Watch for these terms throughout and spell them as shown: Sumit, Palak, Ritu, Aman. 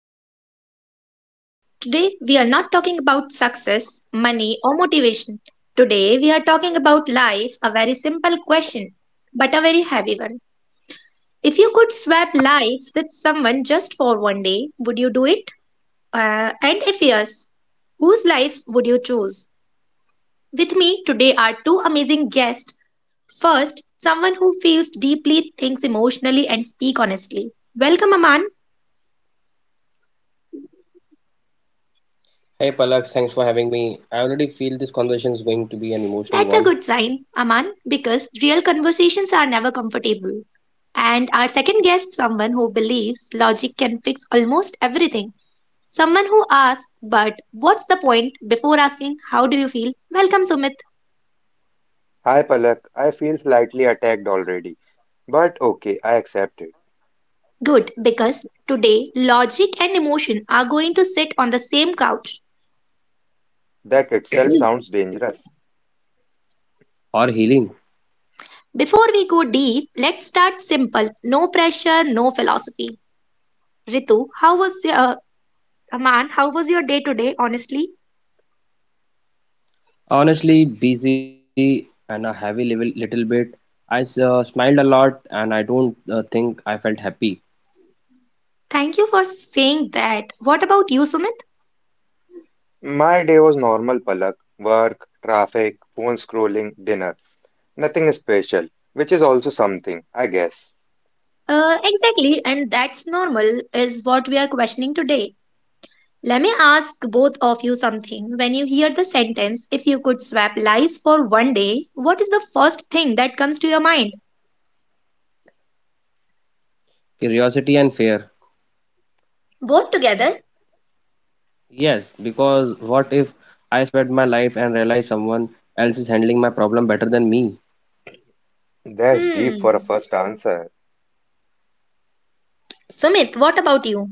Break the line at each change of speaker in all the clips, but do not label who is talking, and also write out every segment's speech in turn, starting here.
your host, Palak, and today we are not talking about success, money, or motivation. Today we are talking about life, a very simple question, but a very heavy one. If you could swap lives with someone just for one day, would you do it? And if yes, whose life would you choose? With me today are two amazing guests. First, someone who feels deeply, thinks emotionally, and speaks honestly. Welcome, Aman.
Hey Palak, thanks for having me. I already feel this conversation is going to be an emotional one
That's a good sign, Aman, because real conversations are never comfortable. And our second guest, someone who believes logic can fix almost everything. Someone who asks, but what's the point before asking, how do you feel? Welcome, Sumit.
Hi Palak, I feel slightly attacked already. But okay, I accept it.
Good, because today logic and emotion are going to sit on the same couch.
That itself sounds dangerous.
or healing.
Before we go deep, let's start simple. No pressure, no philosophy. Ritu, how was your, Aman, how was your day today, honestly?
Honestly, busy and a heavy level, little bit. I smiled a lot and I don't think I felt happy.
Thank you for saying that. What about you, Sumit?
My day was normal, Palak. Work, traffic, phone scrolling, dinner. Nothing special, which is also something, I guess.
Exactly, and that's normal, is what we are questioning today. Let me ask both of you something. When you hear the sentence, if you could swap lives for one day, what is the first thing that comes to your mind?
Curiosity and fear.
Both together?
Yes, because what if I spend my life and realize someone else is handling my problem better than me?
That's deep for a
Hmm.
first answer.
Sumit, what about you?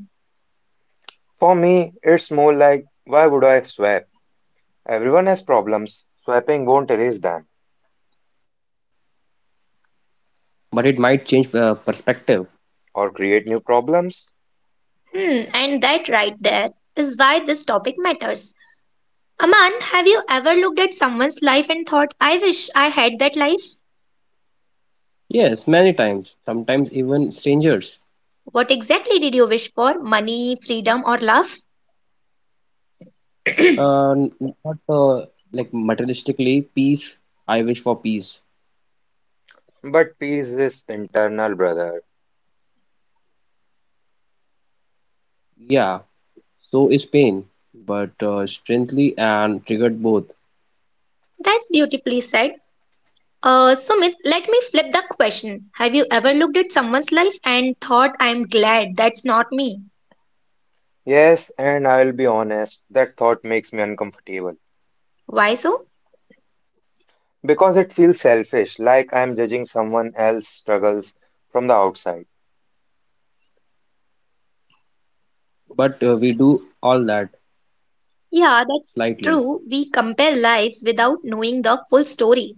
For me, it's more like why would I swipe? Everyone has problems. Swiping won't erase them
But it might change perspective.
or create new problems.
Hmm, and that right there is why this topic matters. Aman, have you ever looked at someone's life and thought, I wish I had that life?
Yes, many times, sometimes even strangers.
What exactly did you wish for? Money, freedom, or love?
Not like materialistically, peace. I wish for peace.
But peace is internal, brother.
Yeah, so is pain, but strangely and triggered both.
That's beautifully said. Sumit, let me flip the question. Have you ever looked at someone's life and thought, I'm glad that's not me?
Yes, and I'll be honest, that thought makes me uncomfortable
Why so?
because it feels selfish, like I'm judging someone else's struggles from the outside.
But we do all that
Yeah,
slightly.
that's true. We compare lives without knowing the full story.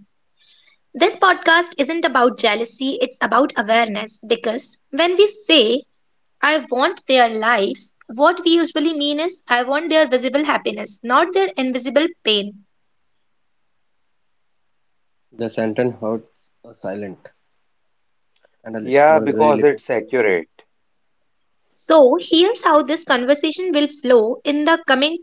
This podcast isn't about jealousy, it's about awareness because when we say, I want their life, what we usually mean is, I want their visible happiness, not their invisible pain.
The sentence hurts a silent, and the
Yeah,
list
because
was
it's
very little.
accurate,
So, here's how this conversation will flow. In the coming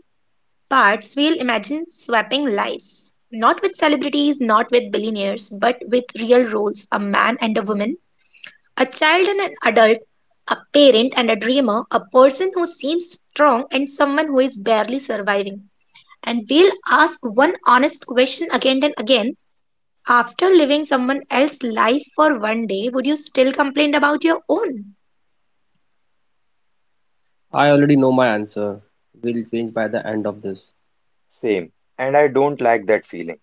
parts, we'll imagine swapping lives. Not with celebrities, not with billionaires, but with real roles: a man and a woman, a child and an adult, a parent and a dreamer, a person who seems strong and someone who is barely surviving. And we'll ask one honest question again and again. After living someone else's life for one day, would you still complain about your own?
I already know my answer. Will change by the end of this.
same, and I don't like that feeling.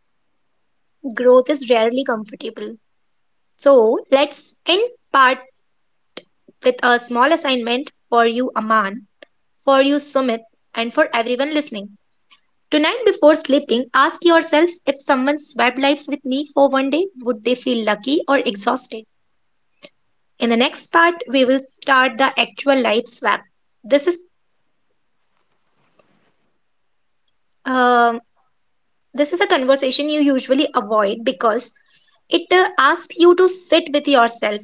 Growth is rarely comfortable. So let's end part with a small assignment for you, Aman, for you, Sumit, and for everyone listening. Tonight, before sleeping, ask yourself, if someone swapped lives with me for one day, would they feel lucky or exhausted? In the next part, we will start the actual life swap. This is um this is a conversation you usually avoid because it asks you to sit with yourself.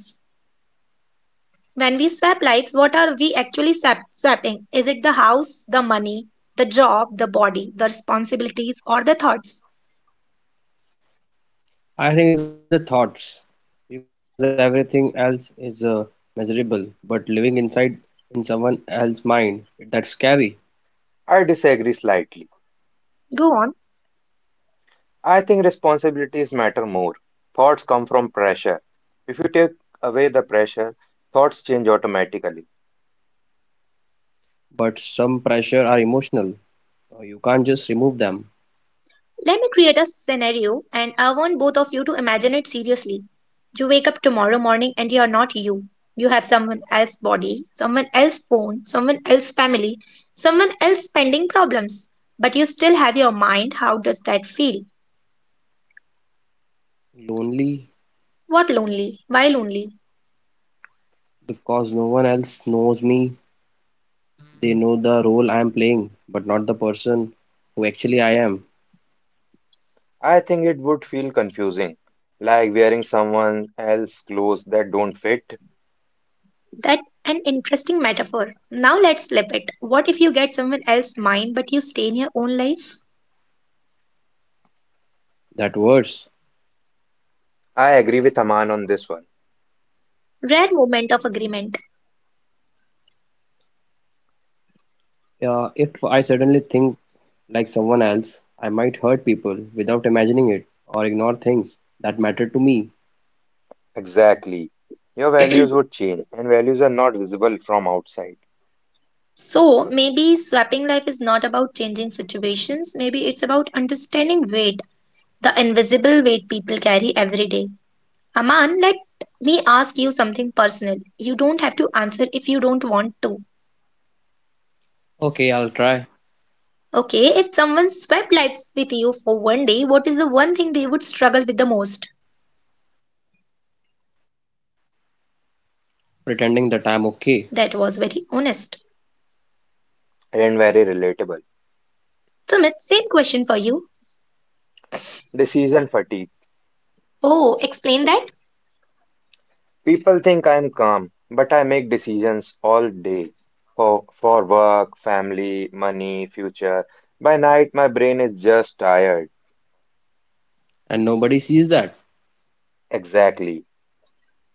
When we swap lives, what are we actually swapping? Is it the house, the money, the job, the body, the responsibilities, or the thoughts?
I think it's the thoughts, because everything else is measurable. But living inside in someone else's mind, that's scary.
I disagree slightly.
Go on.
I think responsibilities matter more. Thoughts come from pressure. If you take away the pressure, thoughts change automatically.
But some pressure are emotional. You can't just remove them.
Let me create a scenario, and I want both of you to imagine it seriously. You wake up tomorrow morning and you are not you. You have someone else's body, someone else's phone, someone else's family, someone else's pending problems. But you still have your mind. How does that feel?
Lonely
What lonely? Why lonely?
because no one else knows me. They know the role I am playing, but not the person who actually I am.
I think it would feel confusing, like wearing someone else's clothes that don't fit.
That an interesting metaphor. Now let's flip it. What if you get someone else's mind but you stay in your own life?
That worse.
I agree with Aman on this one.
Rare moment of agreement.
If I suddenly think like someone else, I might hurt people without imagining it or ignore things that matter to me.
Exactly. Your values would change, and values are not visible from outside,
So maybe swapping life is not about changing situations, maybe it's about understanding weight, the invisible weight people carry every day. Aman, let me ask you something personal. You don't have to answer if you don't want to.
Okay, I'll try
Okay, if someone swapped life with you for one day, what is the one thing they would struggle with the most?
pretending that I'm okay,
That was very honest.
and very relatable.
Sumit, same question for you.
Decision fatigue.
Oh, explain that.
People think I'm calm, but I make decisions all day for work, family, money, future. By night, my brain is just tired.
and nobody sees that.
Exactly.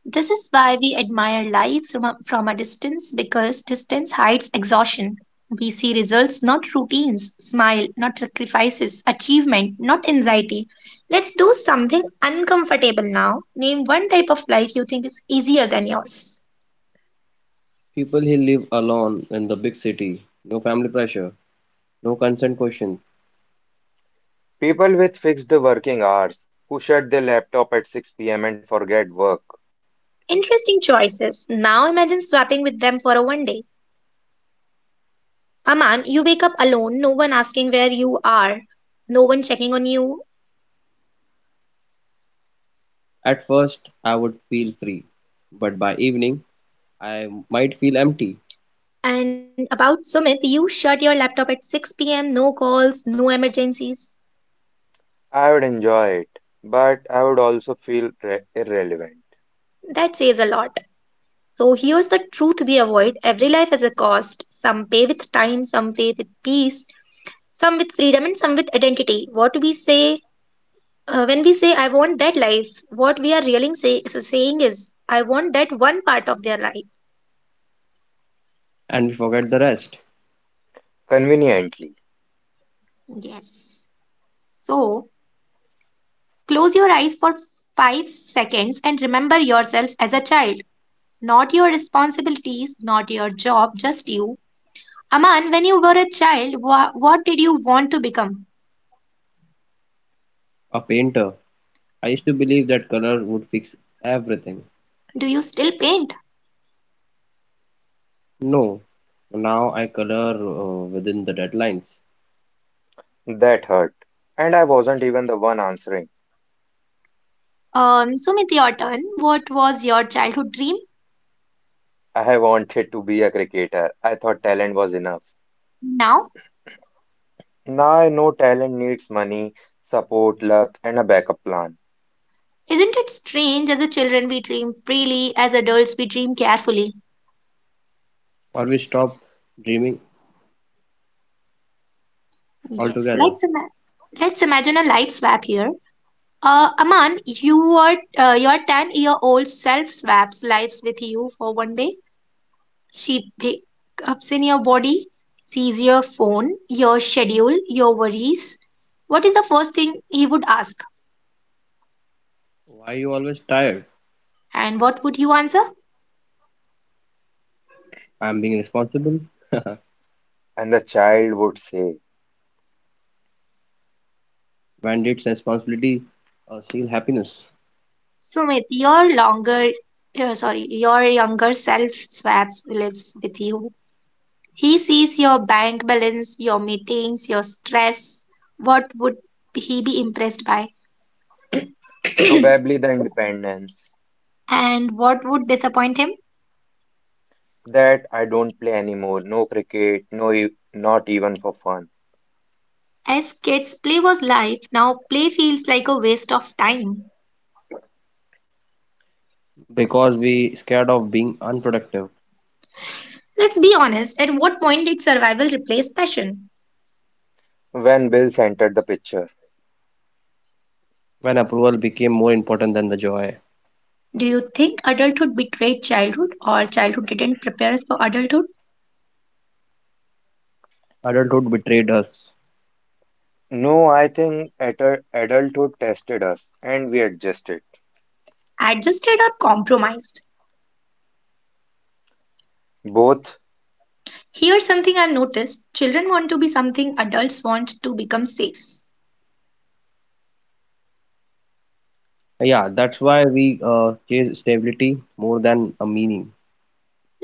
This is why we admire lives from a distance, because distance hides exhaustion. We see results, not routines, smile, not sacrifices, achievement, not anxiety. Let's do something uncomfortable now. Name one type of life you think is easier than yours.
People who live alone in the big city, no family pressure, no consent questions.
People with fixed working hours who shut their laptop at 6 p.m. and forget work.
Interesting choices. Now imagine swapping with them for a one day. Aman, you wake up alone, no one asking where you are, no one checking on you.
At first, I would feel free, but by evening, I might feel empty
And about Sumit, you shut your laptop at 6 p.m., no calls, no emergencies.
I would enjoy it, but I would also feel irrelevant.
That says a lot. So here's the truth we avoid: every life has a cost. Some pay with time, some pay with peace, some with freedom, and some with identity. When we say, I want that life, what we are really saying is, I want that one part of their life.
and we forget the rest.
Conveniently.
Yes. So close your eyes for 5 seconds and remember yourself as a child. Not your responsibilities, not your job, just you. Aman, when you were a child, what did you want to become?
A painter, I used to believe that color would fix everything.
Do you still paint?
No, now I color within the deadlines,
That hurt. And I wasn't even the one answering.
Sumit, your turn. What was your childhood dream?
I wanted to be a cricketer. I thought talent was enough.
Now,
Now I know talent needs money, support, luck, and a backup plan.
isn't it strange? As a children, we dream freely. As adults, we dream carefully.
or we stop dreaming
Yes, let's
altogether.
ima- let's imagine a life swap here. Aman, your 10-year old self swaps lives with you for one day. She pickups in your body, sees your phone, your schedule, your worries. What is the first thing he would ask?
Why you always tired?
And what would you answer?
I'm being responsible.
And the child would say,
Bandits and responsibility steal happiness
Sumit, your younger self swaps lives with you. He sees your bank balance, your meetings, your stress. What would he be impressed by?
probably the independence,
And what would disappoint him?
that I don't play anymore, no cricket, no, not even for fun.
As kids, play was life. Now, play feels like a waste of time.
because we scared of being unproductive
Let's be honest, at what point did survival replace passion?
When Bills entered the picture,
when approval became more important than the joy.
Do you think adulthood betrayed childhood, or childhood didn't prepare us for adulthood?
Adulthood betrayed us.
no, I think adulthood tested us and we adjusted.
Adjusted or compromised?
Both,
Here's something I've noticed: children want to be something, adults want to become safe.
Yeah, that's why we chase stability more than a meaning.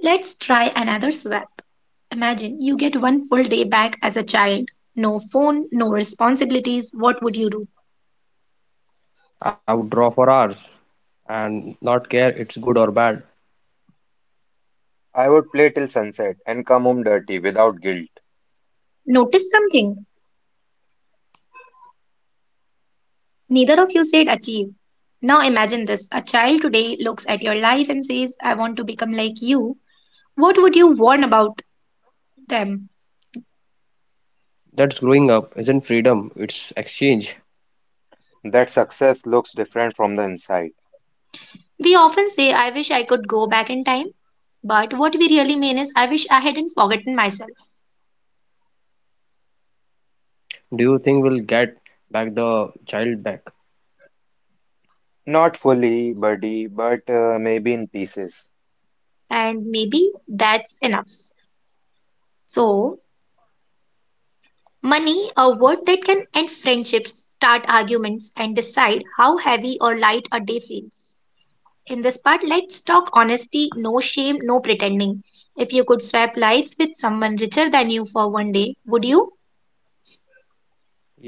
Let's try another swap. Imagine you get one full day back as a child. No phone, no responsibilities. What would you do?
I would draw for hours and not care it's good or bad.
I would play till sunset and come home dirty without guilt.
Notice something. Neither of you said achieve. Now imagine this: a child today looks at your life and says, I want to become like you. What would you warn about them?
That's growing up, isn't freedom, it's exchange.
That success looks different from the inside.
We often say, I wish I could go back in time, but what we really mean is, I wish I hadn't forgotten myself.
Do you think we'll get back the child back?
Not fully, buddy, but maybe in pieces.
And maybe that's enough. So, money, a word that can end friendships, start arguments, and decide how heavy or light a day feels. In this part, let's talk honesty, no shame, no pretending. If you could swap lives with someone richer than you for one day, would you?
Yeah,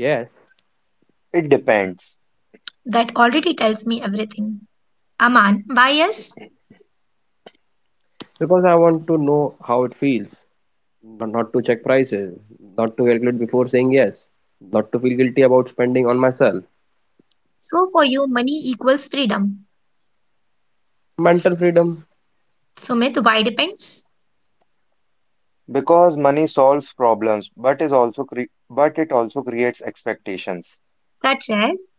It depends.
That already tells me everything. Aman, why yes?
because I want to know how it feels, not to check prices, not to calculate before saying yes, not to feel guilty about spending on myself.
So for you, money equals freedom.
Mental freedom,
Sumit, why depends?
Because money solves problems, but it also creates expectations.
Such as?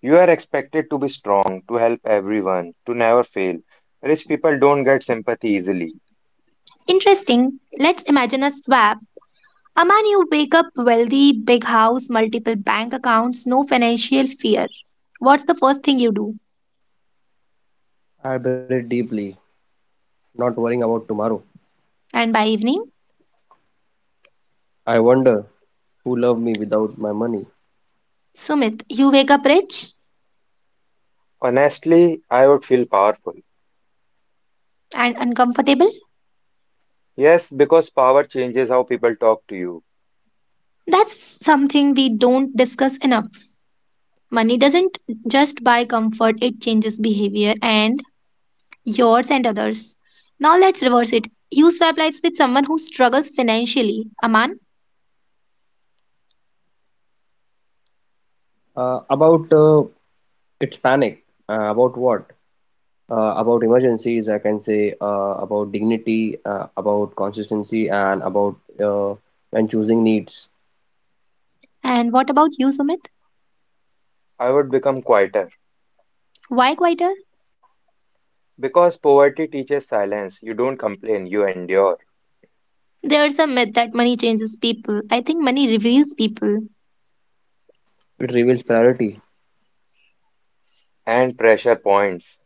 You are expected to be strong, to help everyone, to never fail. Rich people don't get sympathy easily.
Interesting. Let's imagine a swap. Aman, you wake up wealthy, big house, multiple bank accounts, no financial fear. What's the first thing you do?
I breathe deeply, not worrying about tomorrow.
And by evening?
I wonder who loved me without my money.
Sumit, you wake up rich
Honestly, I would feel powerful.
and uncomfortable.
Yes, because power changes how people talk to you.
That's something we don't discuss enough. Money doesn't just buy comfort, it changes behavior, and yours and others. Now let's reverse it. You swap lives with someone who struggles financially, Aman.
About its panic, about what? About emergencies, I can say, about dignity, about consistency, and about uh, when choosing needs.
And what about you, Sumit?
I would become quieter.
Why quieter?
Because poverty teaches silence. You don't complain, you endure.
There's a myth that money changes people. I think money reveals people.
It reveals priority.
And pressure points.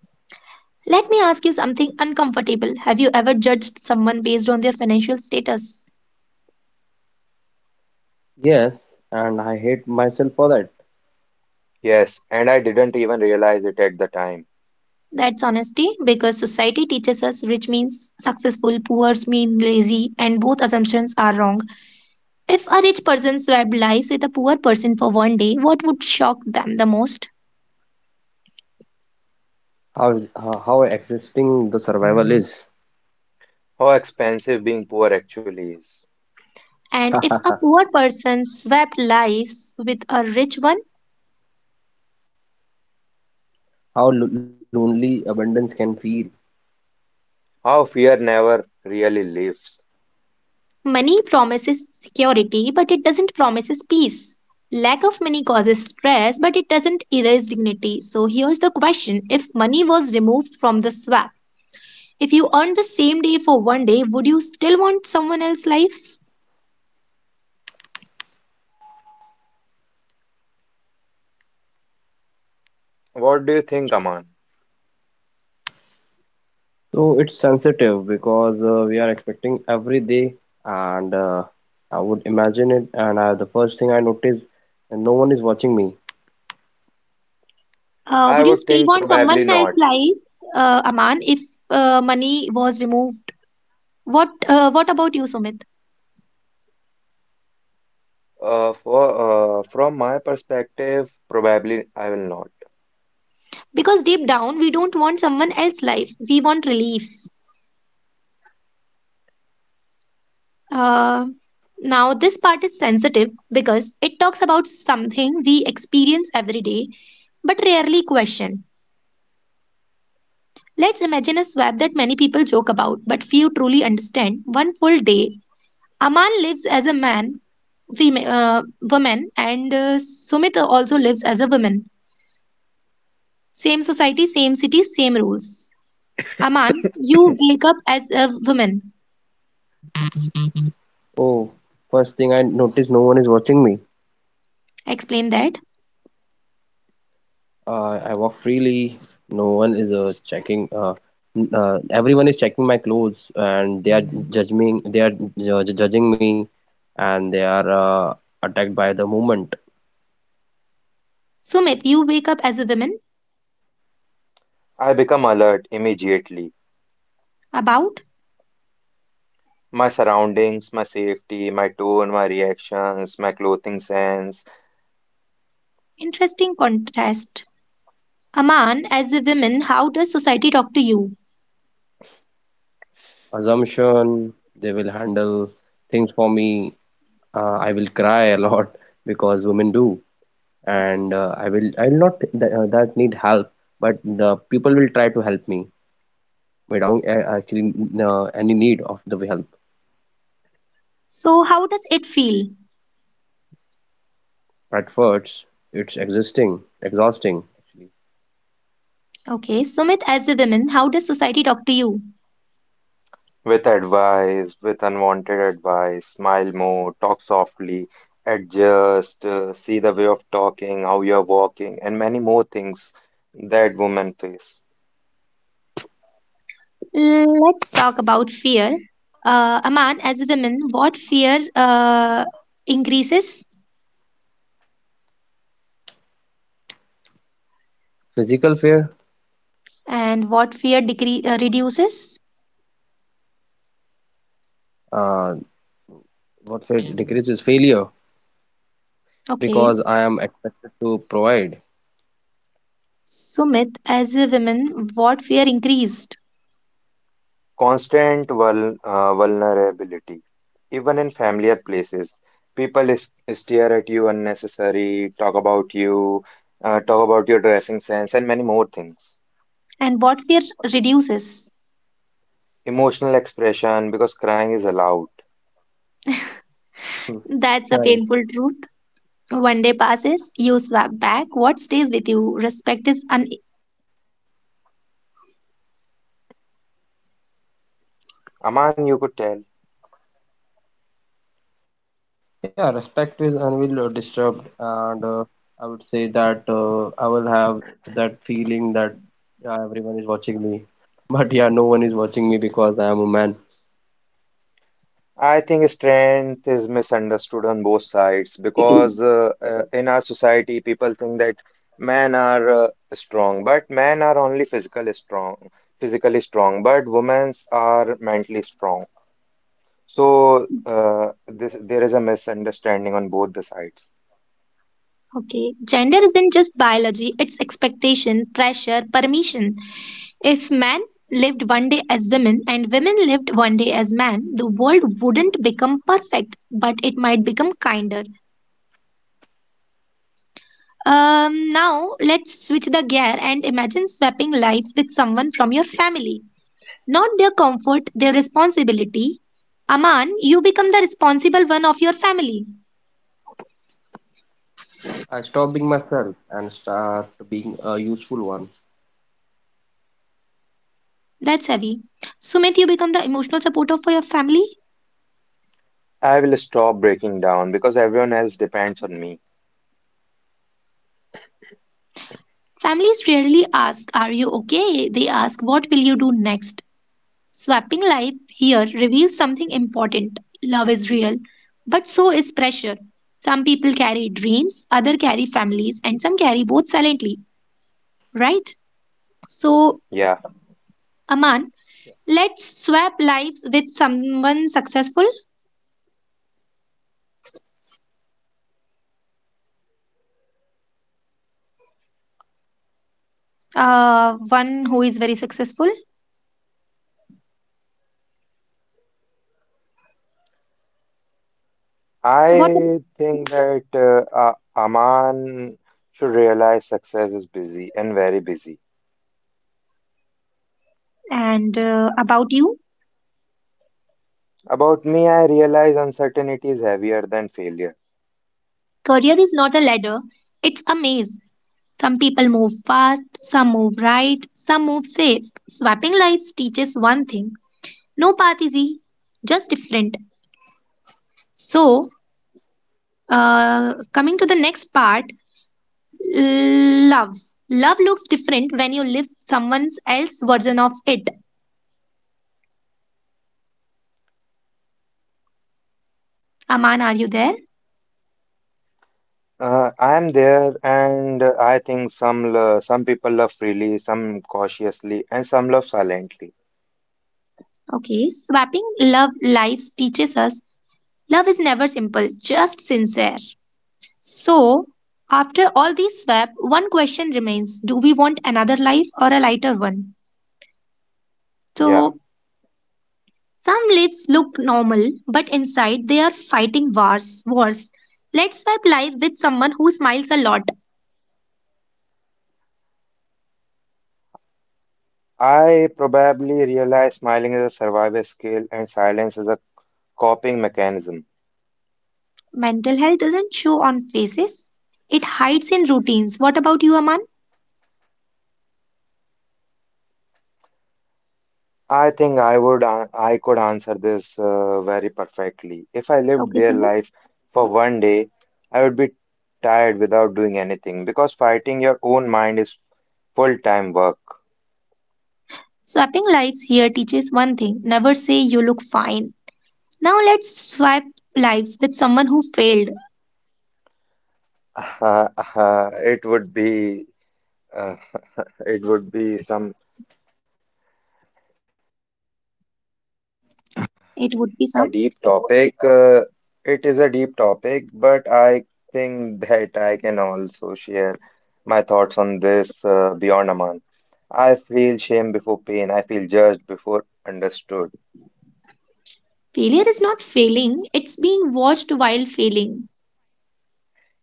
Let me ask you something uncomfortable. Have you ever judged someone based on their financial status?
Yes, and I hate myself for that.
Yes, and I didn't even realize it at the time.
That's honesty, because society teaches us rich means successful, poor mean lazy, and both assumptions are wrong. If a rich person swapped lives with a poor person for one day, what would shock them the most?
How existing the survival is.
How expensive being poor actually is.
And if a
How
poor person swapped lives with a rich one,
lonely abundance can feel.
How fear never really leaves.
money promises security, but it doesn't promises peace. Lack of money causes stress, but it doesn't erase dignity. So here's the question, if money was removed from the swap, if you earned the same day for one day, would you still want someone else's life?
What do you think, Aman?
So it's sensitive because we are expecting every day, and I would imagine it. And the first thing I noticed, no one is watching me.
Uh,
I
would you
would
still
think
want someone
probably
else's
not.
life, Aman, if money was removed? What about you, Sumit?
For from my perspective, probably I will not.
Because deep down, we don't want someone else's life. We want relief. Uh, now, this part is sensitive because it talks about something we experience every day but rarely question. Let's imagine a swap that many people joke about but few truly understand. One full day, Aman lives as a man female woman and Sumit also lives as a woman. Same society, same city, same rules. Aman, you wake up as a woman.
Oh, first thing I noticed, no one is watching me.
Explain that.
I walk freely. No one is checking. Everyone is checking my clothes, and they are judging. They are judging me, and they are attacked by the movement.
Sumit, you wake up as a woman.
I become alert immediately.
About?
My surroundings, my safety, my tone, my reactions, my clothing sense,
Interesting contrast. Aman, as a woman, how does society talk to you?
Assumption. They will handle things for me. I will cry a lot because women do, and I will. I will not th that need help, but the people will try to help me without actually any need of the help.
So, how does it feel?
At first, it's existing, exhausting actually.
Okay, Sumit, as a woman, how does society talk to you?
with advice, with unwanted advice, smile more, talk softly, adjust, see the way of talking, how you're walking, and many more things that women face.
Let's talk about fear. Aman, as a woman, what fear increases?
Physical fear.
And what fear reduces?
uh, what fear decreases failure
Okay.
because I am expected to provide.
Sumit, as a woman, what fear increased
Constant vulnerability. Even in familiar places, people is stare at you unnecessary, talk about you, talk about your dressing sense, and many more things.
and what fear reduces?
Emotional expression because crying is allowed.
That's a painful
Mhm.
truth.
Right.
One day passes, you swap back. What stays with you? Respect is un.
Aman, you could tell.
Yeah, respect is unwillingly disturbed, and I would say that I will have that feeling that yeah, everyone is watching me, but yeah, no one is watching me because I am a man.
I think strength is misunderstood on both sides because in our society, people think that men are strong, but men are only physically strong, but women are mentally strong. So there is a misunderstanding on both the sides.
Okay. Gender isn't just biology, it's expectation, pressure, permission. If men lived one day as women and women lived one day as men, the world wouldn't become perfect, but it might become kinder. Now, let's switch the gear and imagine swapping lives with someone from your family. Not their comfort, their responsibility. Aman, you become the responsible one of your family. That's heavy. Sumit, you become the emotional supporter for your family.
I will stop breaking down because everyone else depends on me.
Families rarely ask, "Are you okay?" They ask, "What will you do next?" Swapping life here reveals something important. Love is real, but so is pressure. Some people carry dreams, others carry families, and some carry both silently. Right? So,
Yeah,
Aman, let's swap lives with someone successful, one who is very successful. What ab-
I think that Aman should realize success is busy and very busy.
and about you?
About me, I realize uncertainty is heavier than failure.
Career is not a ladder, it's a maze. Some people move fast, some move right, some move safe. Swapping lives teaches one thing: no path is easy, just different. So, coming to the next part: love. Love looks different when you live someone else's version of it. Aman, are you there?
I am there, and I think some people love freely, some cautiously, and some love silently.
Okay. Swapping love lives teaches us love is never simple, just sincere. So, after all these swap, one question remains: do we want another life or a lighter one?
Yeah,
So, some lives look normal, but inside they are fighting wars. Wars. Let's swap life with someone who smiles a lot.
I probably realize smiling is a survival skill and silence is a coping mechanism.
Mental health doesn't show on faces, it hides in routines. What about you, Aman?
I think I could answer this very perfectly. If I lived
Okay,
their
Sumit.
life for one day, I would be tired without doing anything because fighting your own mind is full-time work.
Swapping lives here teaches one thing: never say you look fine. Now let's swap lives with someone who failed.
Uh, uh, it would be uh, it would be some
It would be
a
some.
deep topic. It is a deep topic, but I think that I can also share my thoughts on this beyond Aman. I feel shame before pain. I feel judged before understood.
Failure is not failing, it's being watched while failing.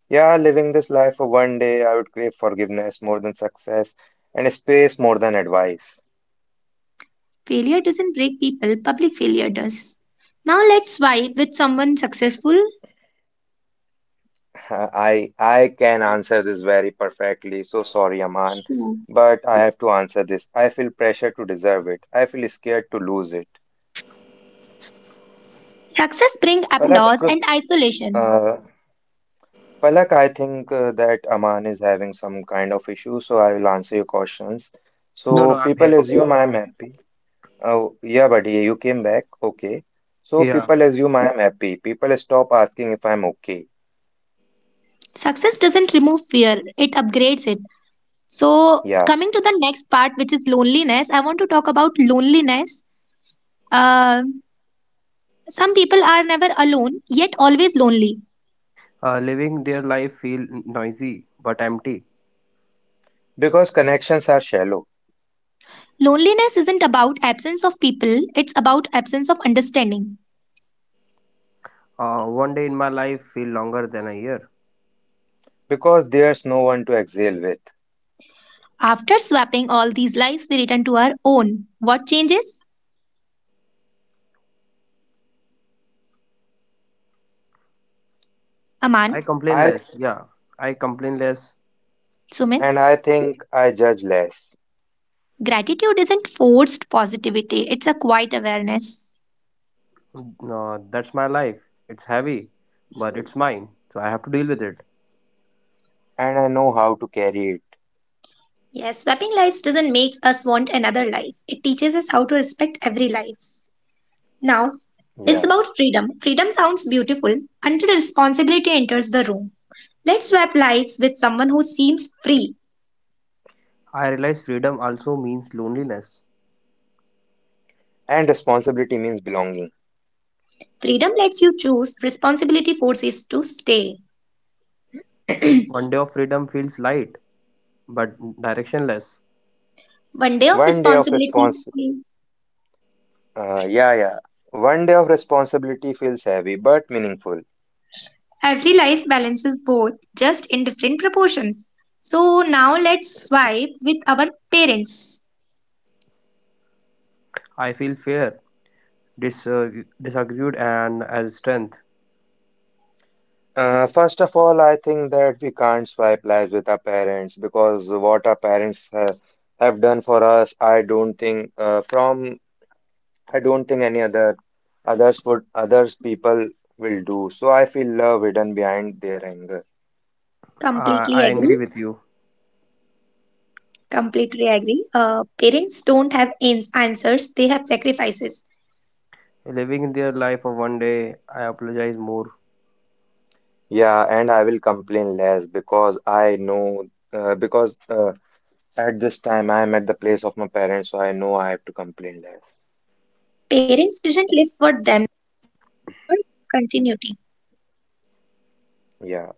Yeah, living this life for one day, I would crave forgiveness more than success and space more than advice.
Failure doesn't break people, public failure does. Now let's swipe with someone successful.
I can answer this very perfectly. So sorry, Aman,
Sure.
but I have to answer this. I feel pressure to deserve it. I feel scared to lose it.
Success brings
Palak,
applause and isolation.
uh, Palak, I think that Aman is having some kind of issue, so I will answer your questions.
No,
So
no, I'm
people
here only.
assume I'm happy. Oh, yeah, buddy, you came back. Okay. So
Yeah.
people assume I'm happy. People stop asking if I'm okay.
Success doesn't remove fear, it upgrades it. So,
Yeah,
coming to the next part, which is loneliness, I want to talk about loneliness. Uh, Some people are never alone, yet always lonely.
Living their life feel noisy but empty.
because connections are shallow.
Loneliness isn't about absence of people, it's about absence of understanding.
One day in my life feel longer than a year.
Because there's no one to exhale with.
After swapping all these lives, we return to our own. What changes?
I
Aman,
complain
I
less. Yeah. I complain less.
And
Sumit,
I think I judge less.
gratitude isn't forced positivity, it's a quiet awareness.
No, that's my life. It's heavy, but it's mine. So I have to deal with it.
And I know how to carry it.
Yes, swapping lives doesn't make us want another life, it teaches us how to respect every life. Now, it's
Yeah.
about freedom. Freedom sounds beautiful until responsibility enters the room. Let's swap lives with someone who seems free.
I realize freedom also means loneliness.
And responsibility means belonging.
Freedom lets you choose, responsibility forces to stay.
One day of freedom feels light but directionless.
One day of
One day of
responsibility
respons
means
Yeah, yeah. One day of responsibility feels heavy but meaningful.
every life balances both, just in different proportions. So now let's swipe with our parents.
I feel fear, dis- uh, disagreed, and as strength.
First of all, I think that we can't swipe lives with our parents because what our parents ha have done for us, I don't think from I don't think any other others would others people will do. So I feel love hidden behind their anger.
Uh,
Completely
I agree
agree.
with you.
Completely agree. Parents don't have answers, they have sacrifices.
Living their life of one day, I apologize more.
Yeah, and I will complain less because I know because at this time I am at the place of my parents, so I know I have to complain less.
Parents didn't live for them, for continuity.
Yeah,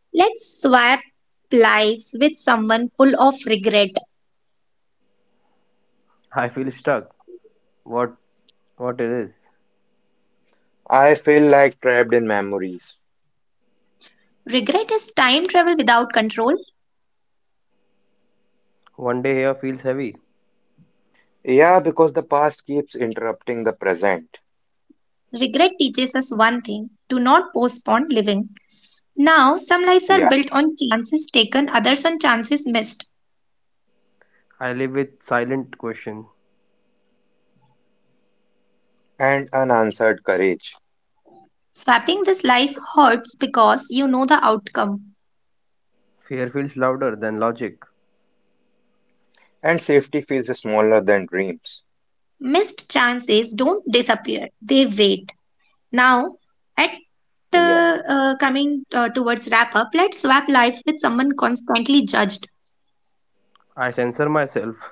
Let's swap lives with someone full of regret.
I feel stuck, what what it is.
I feel like trapped in memories.
Regret is time travel without control.
One day here feels heavy.
Yeah, because the past keeps interrupting the present.
Regret teaches us one thing: do not postpone living. Now, some lives are
Yeah,
built on chances taken, others on chances missed.
I live with silent question.
and unanswered courage
Swapping this life hurts because you know the outcome.
Fear feels louder than logic.
and safety feels smaller than dreams.
Missed chances don't disappear, they wait. Now, at
Yeah,
coming towards wrap up, let's swap lives with someone constantly judged.
I censor myself.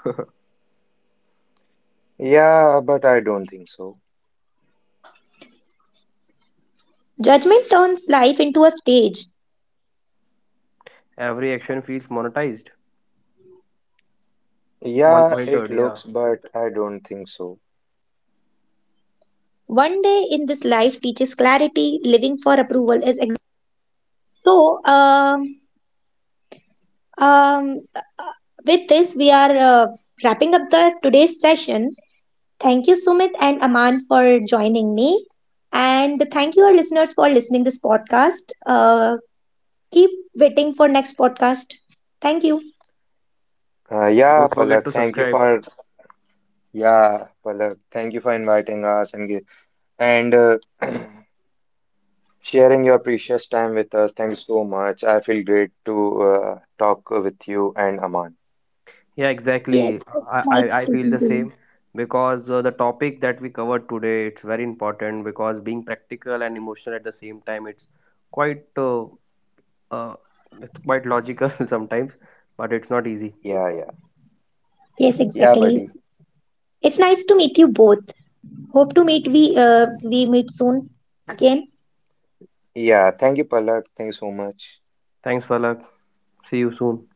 yeah, but I don't think so.
Judgment turns life into a stage.
Every action feels monetized.
Yeah, it
Monitored, yeah.
looks, but I don't think so.
One day in this life teaches clarity, living for approval is. so, um Um, with this, we are wrapping up the today's session. Thank you, Sumit and Aman, for joining me, and thank you, our listeners, for listening this podcast. Keep waiting for next podcast. Thank you.
Uh, yeah,
Don't forget
Palak,
to
thank you
subscribe.
for Yeah, Palak, thank you for inviting us and and uh, sharing your precious time with us. Thank you so much. I feel great to talk with you and Aman.
Yeah,
Yes,
exactly.
it's nice
I
speaking to
feel the
you.
same because the topic that we covered today it's very important because being practical and emotional at the same time quite uh, Uh, it's quite logical sometimes, but it's not easy.
Yeah, yeah.
Yes,
Yeah,
exactly.
buddy.
It's nice to meet you both. Hope to meet we meet soon again.
Yeah, thank you, Palak. Thank you so much.
Thanks, Palak. See you soon.